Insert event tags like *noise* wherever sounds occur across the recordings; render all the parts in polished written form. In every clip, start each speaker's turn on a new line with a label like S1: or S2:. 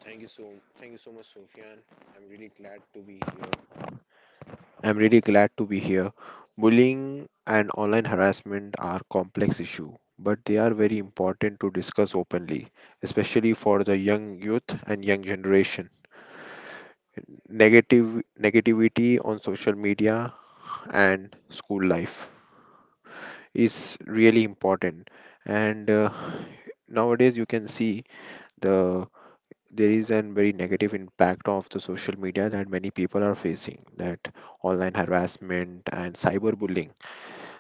S1: Thank you so Thank you so much, Sofyan. I'm really glad to be here. I'm really glad to be here. Bullying and online harassment are complex issue, but they are very important to discuss openly, especially for the young youth and young generation. Negative Negativity on social media and school life is really important, and nowadays you can see the there is a very negative impact of the social media that many people are facing that online harassment and cyberbullying,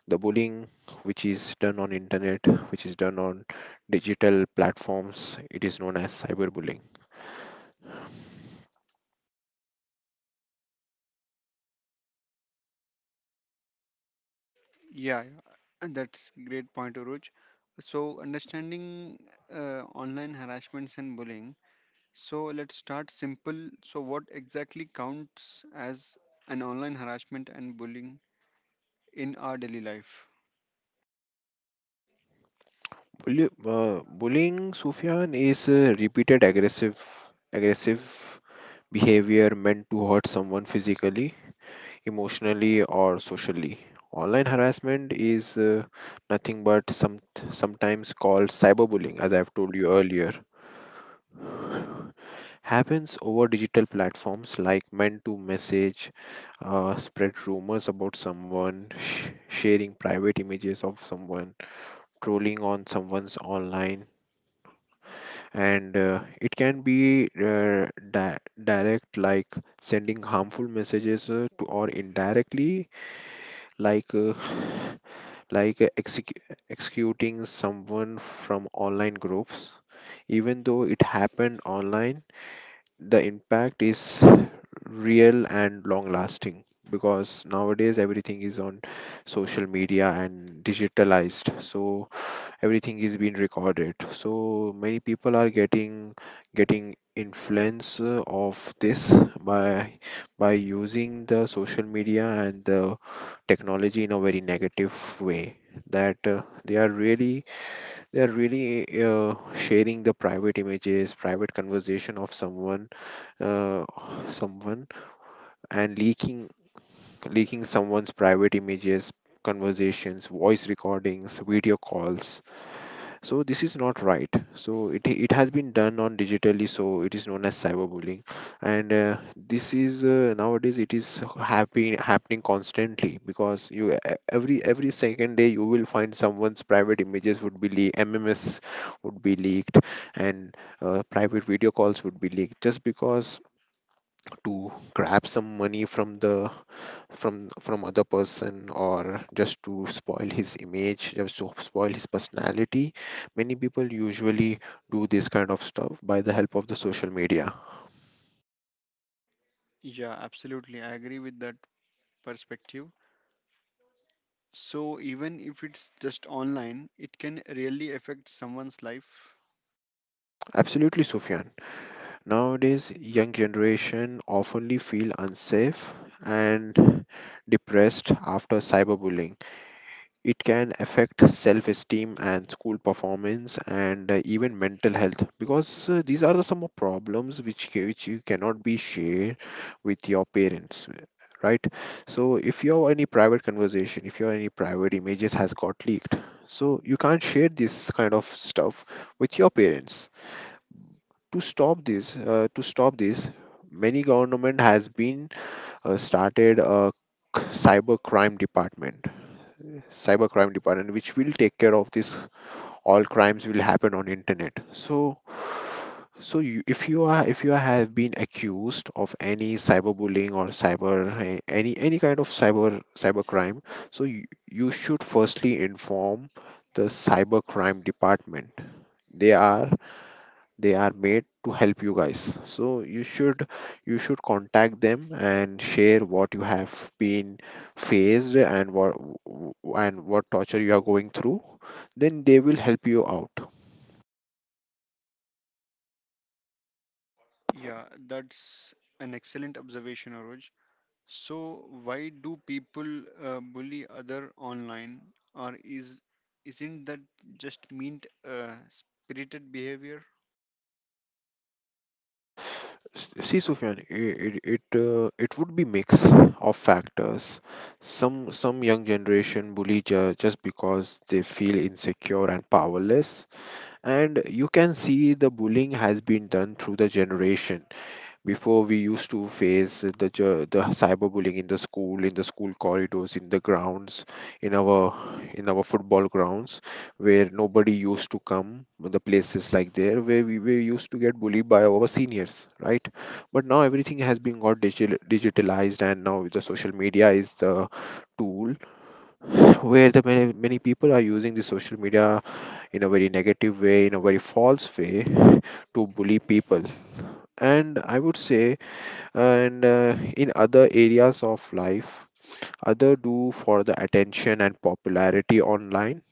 S1: the bullying which is done on internet, which is done on digital platforms, it is known as cyberbullying. Bullying sufyan is repeated aggressive behavior meant to hurt someone physically, emotionally or socially. Online harassment is nothing but sometimes called cyberbullying, as I've told you earlier. Happens over digital platforms like men to message, spread rumors about someone, sharing private images of someone, trolling on someone's online, and it can be direct like sending harmful messages to or indirectly like. Like executing someone from online groups. Even though it happened online, the impact is real and long lasting because nowadays everything is on social media and digitalized. So everything is being recorded, so many people are getting influence of this by using the social media and the technology in a very negative way, that they are really uh, sharing the private images, private conversation of someone, uh, someone and leaking someone's private images, conversations, voice recordings, video calls. So this is not right. So it has been done on digitally. So it is known as cyberbullying, and this is nowadays it is happy happening constantly, because you every second day you will find someone's private images would be leaked, MMS would be leaked, and private video calls would be leaked just because to grab some money from the from other person, or just to spoil his image, just to spoil his personality. Many people usually do this kind of stuff by the help of the social media. Absolutely, Sufyan. Nowadays, young generation oftenly feel unsafe and depressed after cyberbullying. It can affect self esteem and school performance and even mental health, because these are the some of problems which, which you cannot be shared with your parents, right? So if you have any private conversation, if you have any private images has got leaked, so you can't share this kind of stuff with your parents. To stop this many government has been started a cyber crime department cybercrime department which will take care of this. All crimes will happen on internet, so so you, if you are, if you have been accused of any cyberbullying or any kind of cybercrime, so you should firstly inform the cybercrime department. They are, they are made to help you guys, so you should, you should contact them and share what you have been faced, and what torture you are going through, then they will help you out. See sufyan, it would be mix of factors. some some young generation bully just because they feel insecure and powerless, and you can see the bullying has been done through the generation. Before we used to face the the cyberbullying in the school corridors, in the grounds, in our in our football grounds, where nobody used to come. The places like there where we were used to get bullied by our seniors, right? But now everything has been got digital, digitalized, and now the social media is the tool where the many, many people are using the social media in a very negative way, in a very false way, to bully people. And I would say, and in other areas of life, other do for the attention and popularity online.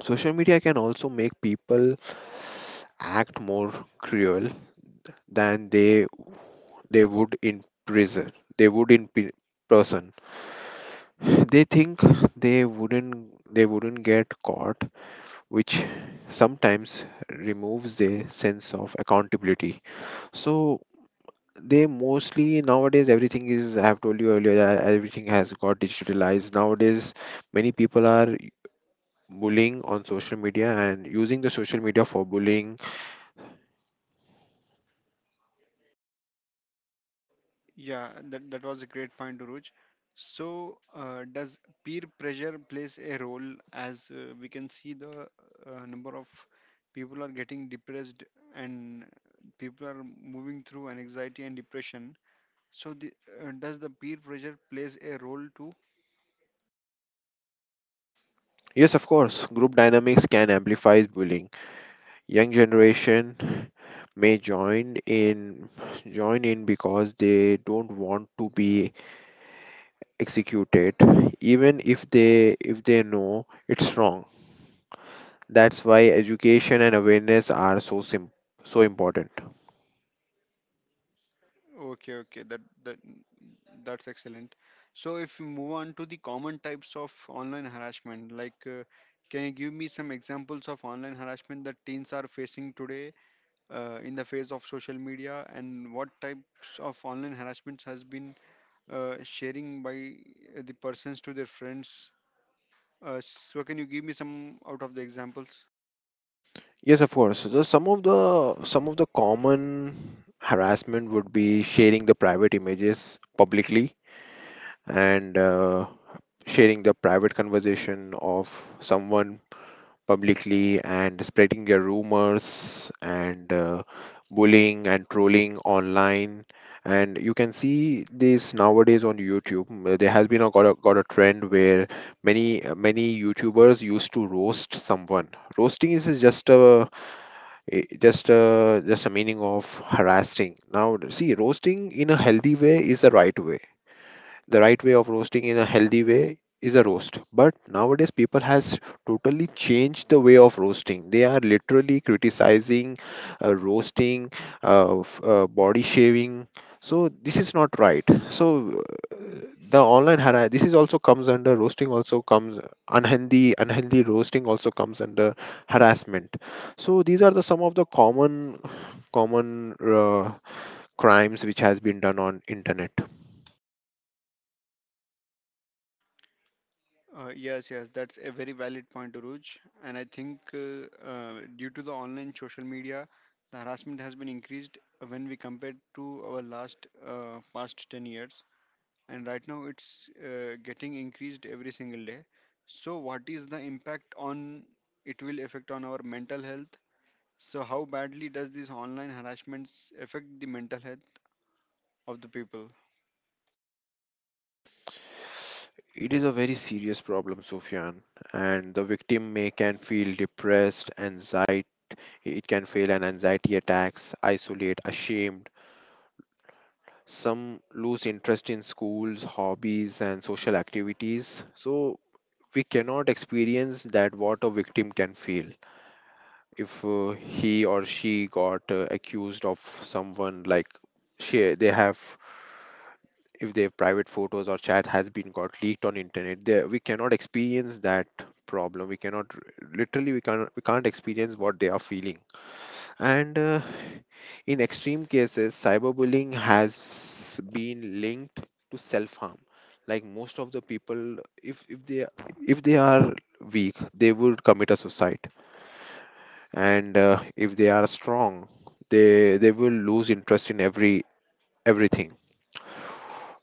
S1: Social media can also make people act more cruel than they would in prison, they would in person. They think they wouldn't, they wouldn't get caught, which sometimes removes their sense of accountability. So they mostly nowadays, everything is, I have told you earlier that everything has got digitalized nowadays. Many people are bullying on social media and using the social media for bullying. Yes, of course, group dynamics can amplify bullying. Young generation may join in, join in because they don't want to be executed, even if they know it's wrong. That's why education and awareness are so so important. Yes, of course. So the, some of the some of the common harassment would be sharing the private images publicly, and sharing the private conversation of someone publicly, and spreading their rumors, and bullying and trolling online. And you can see this nowadays on YouTube. Mm, there has been got a trend where many many YouTubers used to roast someone. Roasting is just a just a meaning of harassing. Now see, roasting in a healthy way is the right way. The right way of roasting in a healthy way is a roast, but nowadays people has totally changed the way of roasting. They are literally criticizing, roasting, body shaving. So this is not right, so the online hara this is also comes under roasting, also comes, unhealthy roasting also comes under harassment. So these are the some of the common common crimes which has been done on internet. It is a very serious problem, Sufyan, and the victim may can feel depressed, anxiety. It can feel an anxiety attacks, isolate, ashamed. Some lose interest in schools, hobbies, and social activities. So we cannot experience that what a victim can feel if he or she got accused of someone, like she they have, if their private photos or chat has been got leaked on internet, there we cannot experience that problem. We cannot literally, we can't experience what they are feeling. And in extreme cases cyberbullying has been linked to self harm. Like most of the people, if they, if they are weak, they would commit a suicide, and if they are strong, they will lose interest in everything.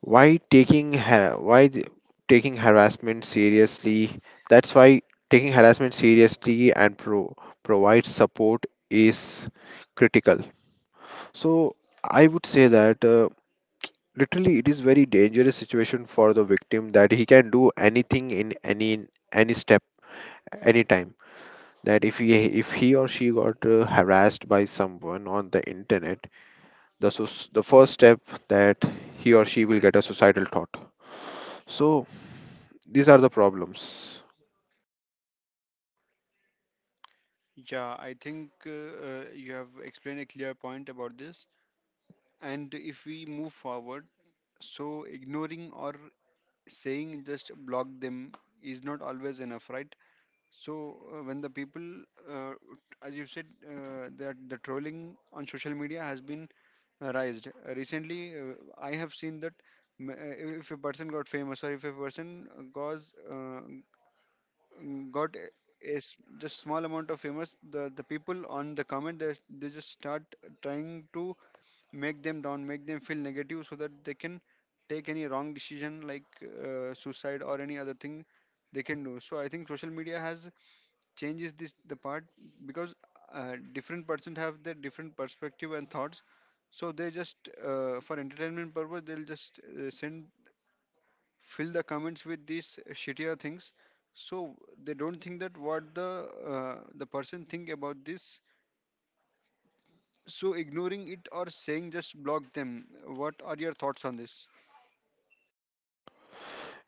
S1: Why taking ha- why th- taking harassment seriously, that's why taking harassment seriously and provide support is critical. So I would say that literally it is very dangerous situation for the victim, that he can do anything in any step anytime. That if he or she got harassed by someone on the internet, the the first step, that he or she will get a suicidal thought. So these are the problems.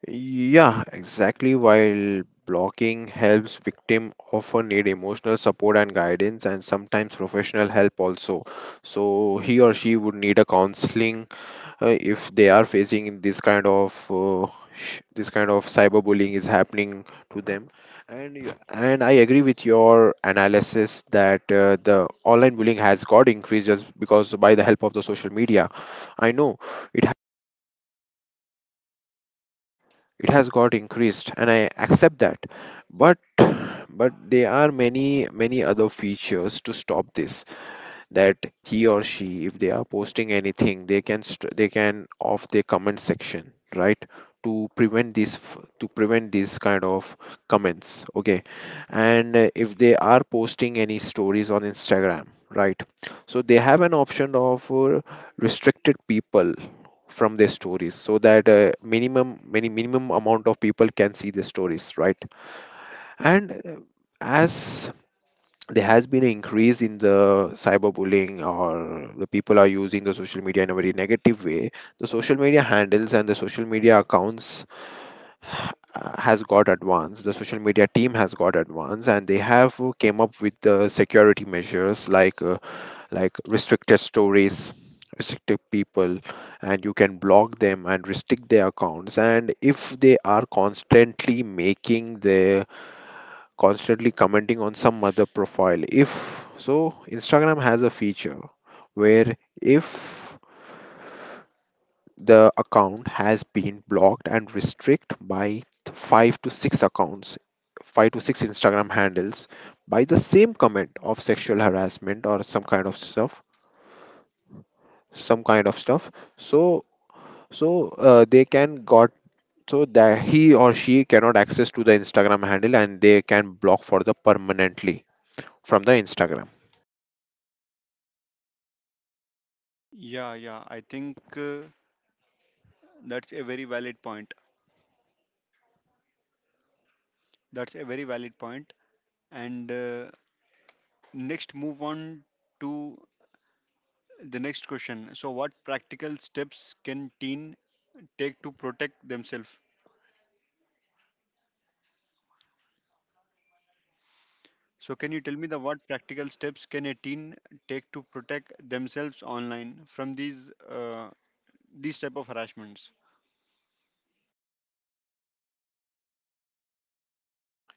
S1: Yeah, exactly. While blocking helps, victim often need emotional support and guidance, and sometimes professional help also. So he or she would need a counseling if they are facing this kind of this kind of cyberbullying is happening to them. And I agree with your analysis that the online bullying has got increased just because by the help of the social media. I know it, it has got increased and I accept that, but but there are many many other features to stop this. That he or she, if they are posting anything, they can they can off the comment section, right, to prevent this to prevent this kind of comments, okay. And if they are posting any stories on Instagram, right, so they have an option of restricted people from their stories, so that minimum many minimum amount of people can see the stories, right. And as there has been an increase in the cyberbullying, or the people are using the social media in a very negative way, the social media handles and the social media accounts ha- has got advanced. The social media team has got advanced and they have came up with the security measures like restricted stories, restricted people, and you can block them and restrict their accounts. And if they are constantly making their, constantly commenting on some other profile. If so, Instagram has a feature where if the account has been blocked and restrict by five to six accounts, five to six Instagram handles, by the same comment of sexual harassment or some kind of stuff, some kind of stuff. So so they can got so that he or she cannot access to the Instagram handle, and they can block for the permanently from the Instagram.
S2: Yeah, yeah. I think that's a very valid point. That's a very valid point. And next, move on to the next question. So, what practical steps can teen take to protect themselves? So, can you tell me the what practical steps can a teen take to protect themselves online from these type of harassments?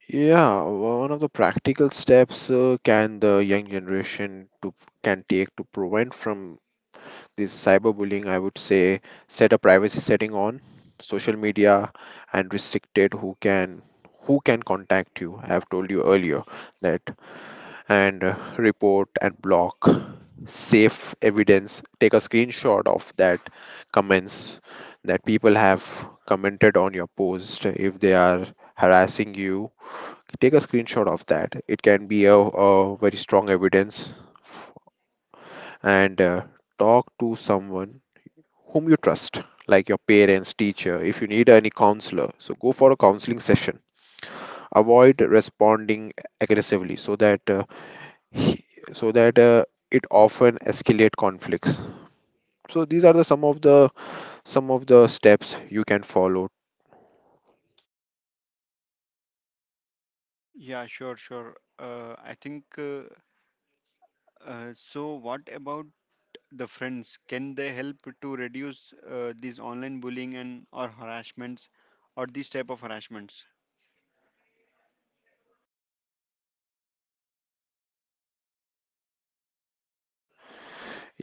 S1: Yeah, one of the practical steps can the young generation to can take to prevent from this cyberbullying, I would say, set a privacy setting on social media and restricted who can, who can contact you. I have told you earlier that and report and block safe evidence. Take a screenshot of that comments that people have commented on your post. If they are harassing you, take a screenshot of that. It can be a very strong evidence, and talk to someone whom you trust, like your parents, teacher. If you need any counselor, so go for a counseling session. Avoid responding aggressively, so that he- so that uh, it often escalate conflicts. So these are the some of the steps you can follow.
S2: Yeah, sure, sure. I think What about the friends can they help to reduce these online bullying and or harassments or these type of harassments?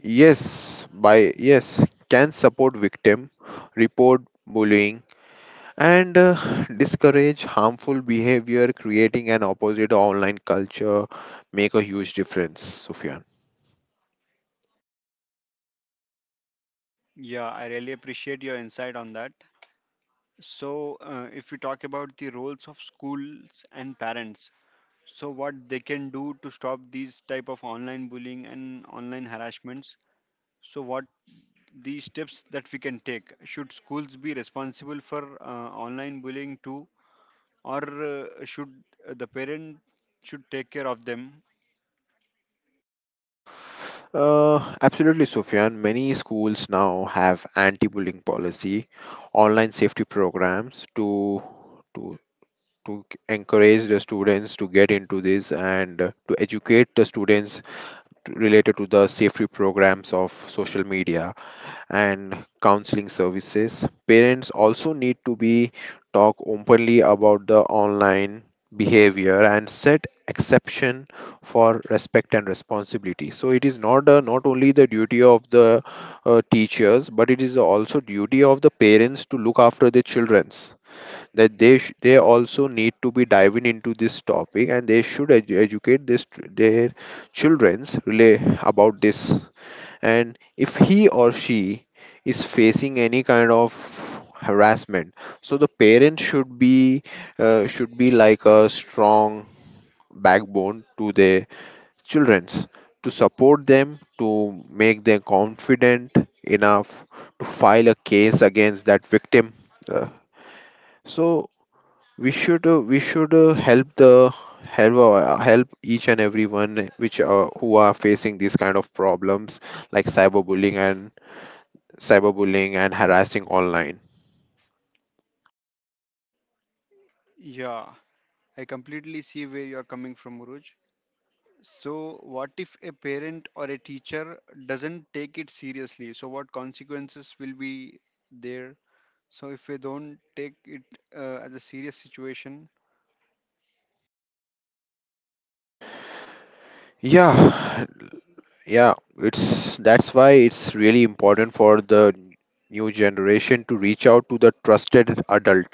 S1: Yes, can support victim, report bullying, and *sighs* discourage harmful behavior. Creating an opposite online culture make a huge difference, Sufyan.
S2: Yeah, I really appreciate your insight on that. So, if we talk about the roles of schools and parents, so what they can do to stop these type of online bullying and online harassments, so what these steps that we can take. Should schools be responsible for online bullying too, or should the parent should take care of them?
S1: Absolutely, Sufyan. Many schools now have anti-bullying policy, online safety programs to to encourage the students to get into this and to educate the students to, related to the safety programs of social media and counseling services. Parents also need to be talk openly about the online behavior and set exception for respect and responsibility. So it is not not only the duty of the teachers, but it is also duty of the parents to look after their children's, that they also need to be diving into this topic, and they should educate this their children's relay about this. And if he or she is facing any kind of harassment, so the parent should be like a strong backbone to their children's, to support them, to make them confident enough to file a case against that victim. Uh, so we should help the help each and everyone which who are facing these kind of problems like cyberbullying and harassing online.
S2: Yeah, I completely see where you are coming from, Uruj. So, what if a parent or a teacher doesn't take it seriously? So, what consequences will be there? So, if we don't take it as a serious situation.
S1: Yeah, yeah, it's that's why it's really important for the new generation to reach out to the trusted adult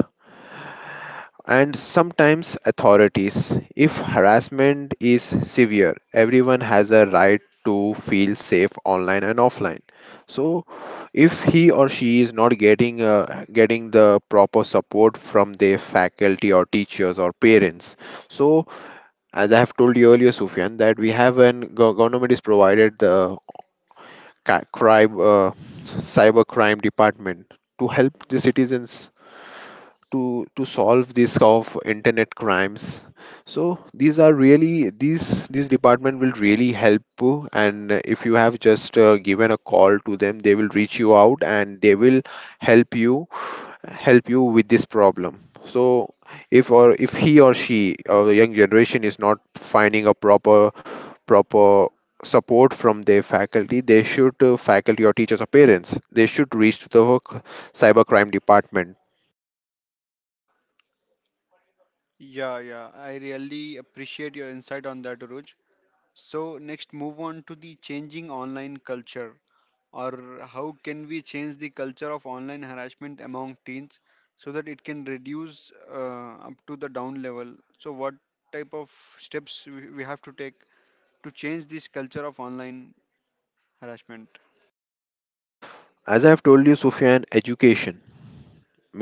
S1: and sometimes authorities. If harassment is severe, everyone has a right to feel safe online and offline. So, if he or she is not getting the proper support from their faculty or teachers or parents, so as I have told you earlier, Sufyan, that we have an government is provided the ca- crime, uh, cyber crime department to help the citizens to solve this of internet crimes. So these are really these department will really help you. And if you have just given a call to them, they will reach you out and they will help you help you with this problem. So if or if he or she or the young generation is not finding a proper proper support from their faculty, they should faculty or teachers or parents, they should reach to the cybercrime department.
S2: Yeah, yeah, I really appreciate your insight on that, Uruj. So, next, move on to the changing online culture. Or how can we change the culture of online harassment among teens so that it can reduce up to the down level? So what type of steps we have to take to change this culture of online harassment?
S1: As I have told you, Sufyan, education,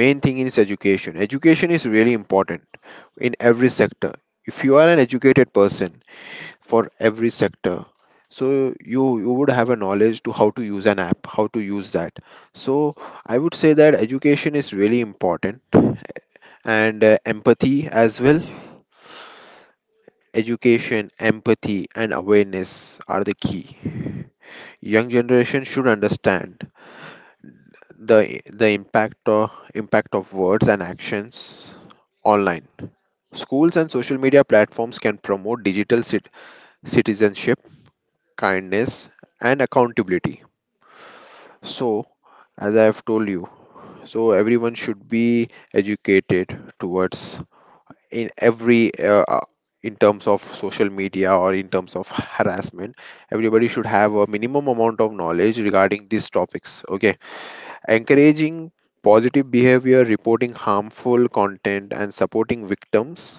S1: main thing is education. Education is really important in every sector. If you are an educated person, for every sector. So you would have a knowledge to how to use an app, how to use that. So I would say that education is really important, and empathy as well. Education, empathy and awareness are the key. Young generation should understand the impact of words and actions online. Schools and social media platforms can promote citizenship, kindness, and accountability. So, as I've told you. So everyone should be educated towards, in every in terms of social media or in terms of harassment. Everybody should have a minimum amount of knowledge regarding these topics. Okay, encouraging positive behavior, reporting harmful content, and supporting victims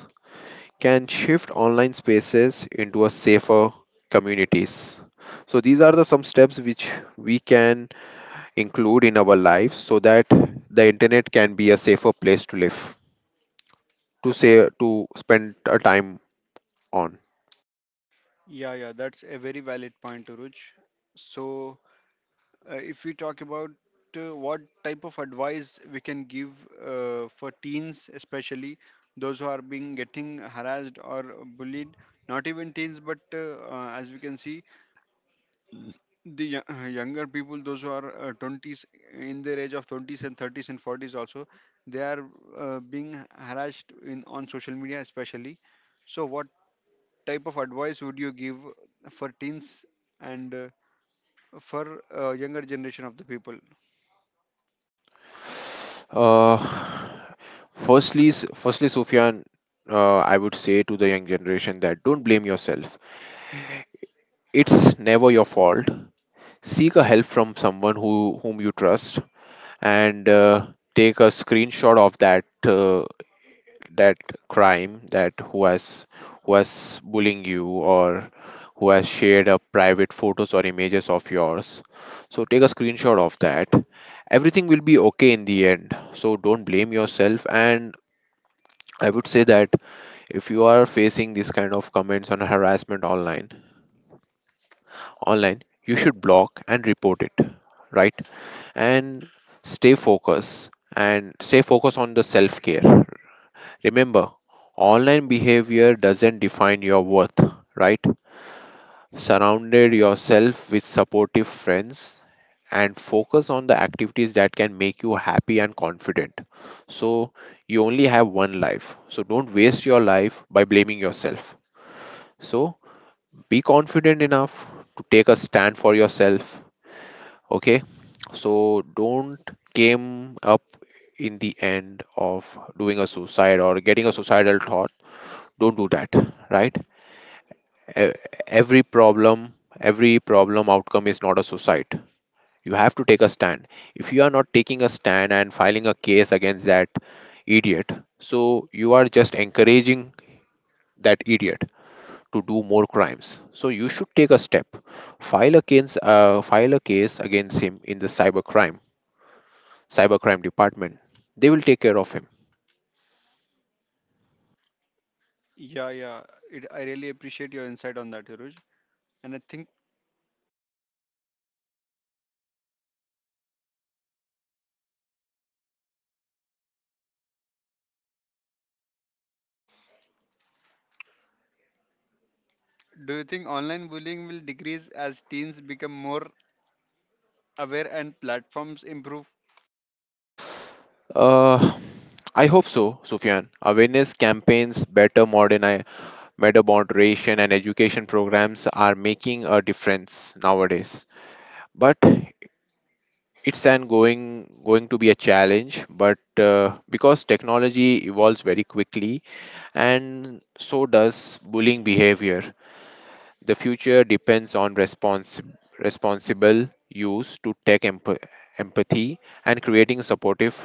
S1: can shift online spaces into a safer communities. So these are the some steps which we can include in our lives, so that the internet can be a safer place to live, to say, to spend a time on.
S2: Yeah, yeah, that's a very valid point, Uruj. So if we talk about what type of advice we can give for teens, especially those who are being getting harassed or bullied. Not even teens, but as we can see, the younger people, those who are 20s, in their age of 20s and 30s and 40s also, they are being harassed in on social media especially. So what type of advice would you give for teens and for younger generation of the people?
S1: uh, Firstly, Sufyan, I would say to the young generation that don't blame yourself. It's never your fault. Seek a help from someone who, whom you trust, and take a screenshot of that, uh, that crime, that who has bullying you or who has shared a private photos or images of yours. So take a screenshot of that. Everything will be okay in the end, so don't blame yourself. And I would say that if you are facing this kind of comments on harassment online, you should block and report it, right? And stay focused, on the self care. Remember, online behavior doesn't define your worth, right? Surrounded yourself with supportive friends and focus on the activities that can make you happy and confident. So, you only have one life, so don't waste your life by blaming yourself. So, be confident enough to take a stand for yourself, okay? So, don't came up in the end of doing a suicide or getting a suicidal thought. Don't do that, right? e- every problem, outcome is not a suicide. You have to take a stand. If you are not taking a stand and filing a case against that idiot, so you are just encouraging that idiot to do more crimes. So you should take a step, file a case, file a case against him in the cybercrime, department. They will take care of him.
S2: Yeah, yeah, it, I really appreciate your insight on that, Hiruj. And I think, do you think online bullying will decrease as teens become more aware and platforms improve?
S1: uh, I hope so, Sufyan. Awareness campaigns, better modern Meta moderation and education programs are making a difference nowadays. But it's an going to be a challenge. But because technology evolves very quickly, and so does bullying behavior, the future depends on responsible use to tech, empathy, and creating supportive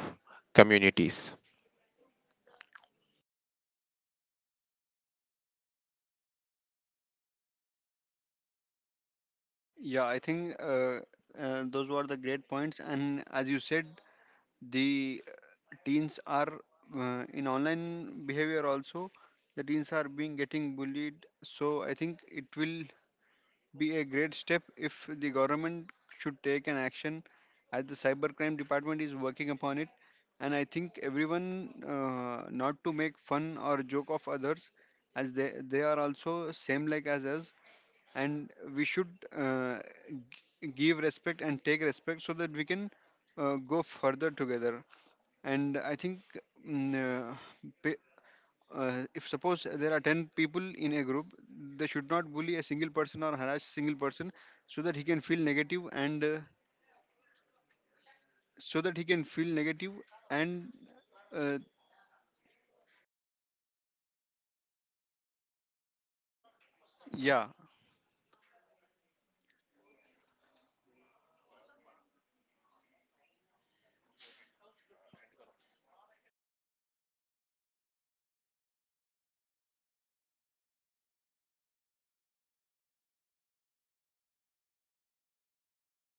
S1: communities.
S2: Yeah, I think those were the great points. And as you said, the teens are in online behavior also. The teens are being getting bullied. So I think it will be a great step if the government should take an action, as the cybercrime department is working upon it. And I think everyone, not to make fun or joke of others, as they are also same like as us, and we should uh, give respect and take respect so that we can go further together. And I think mm, uh, pe- if suppose there are 10 people in a group, they should not bully a single person or harass a single person so that he can feel negative and so that he can feel negative and uh, yeah.
S1: Yes, Sofyan. Stop करेंगे, stop कर देंगे.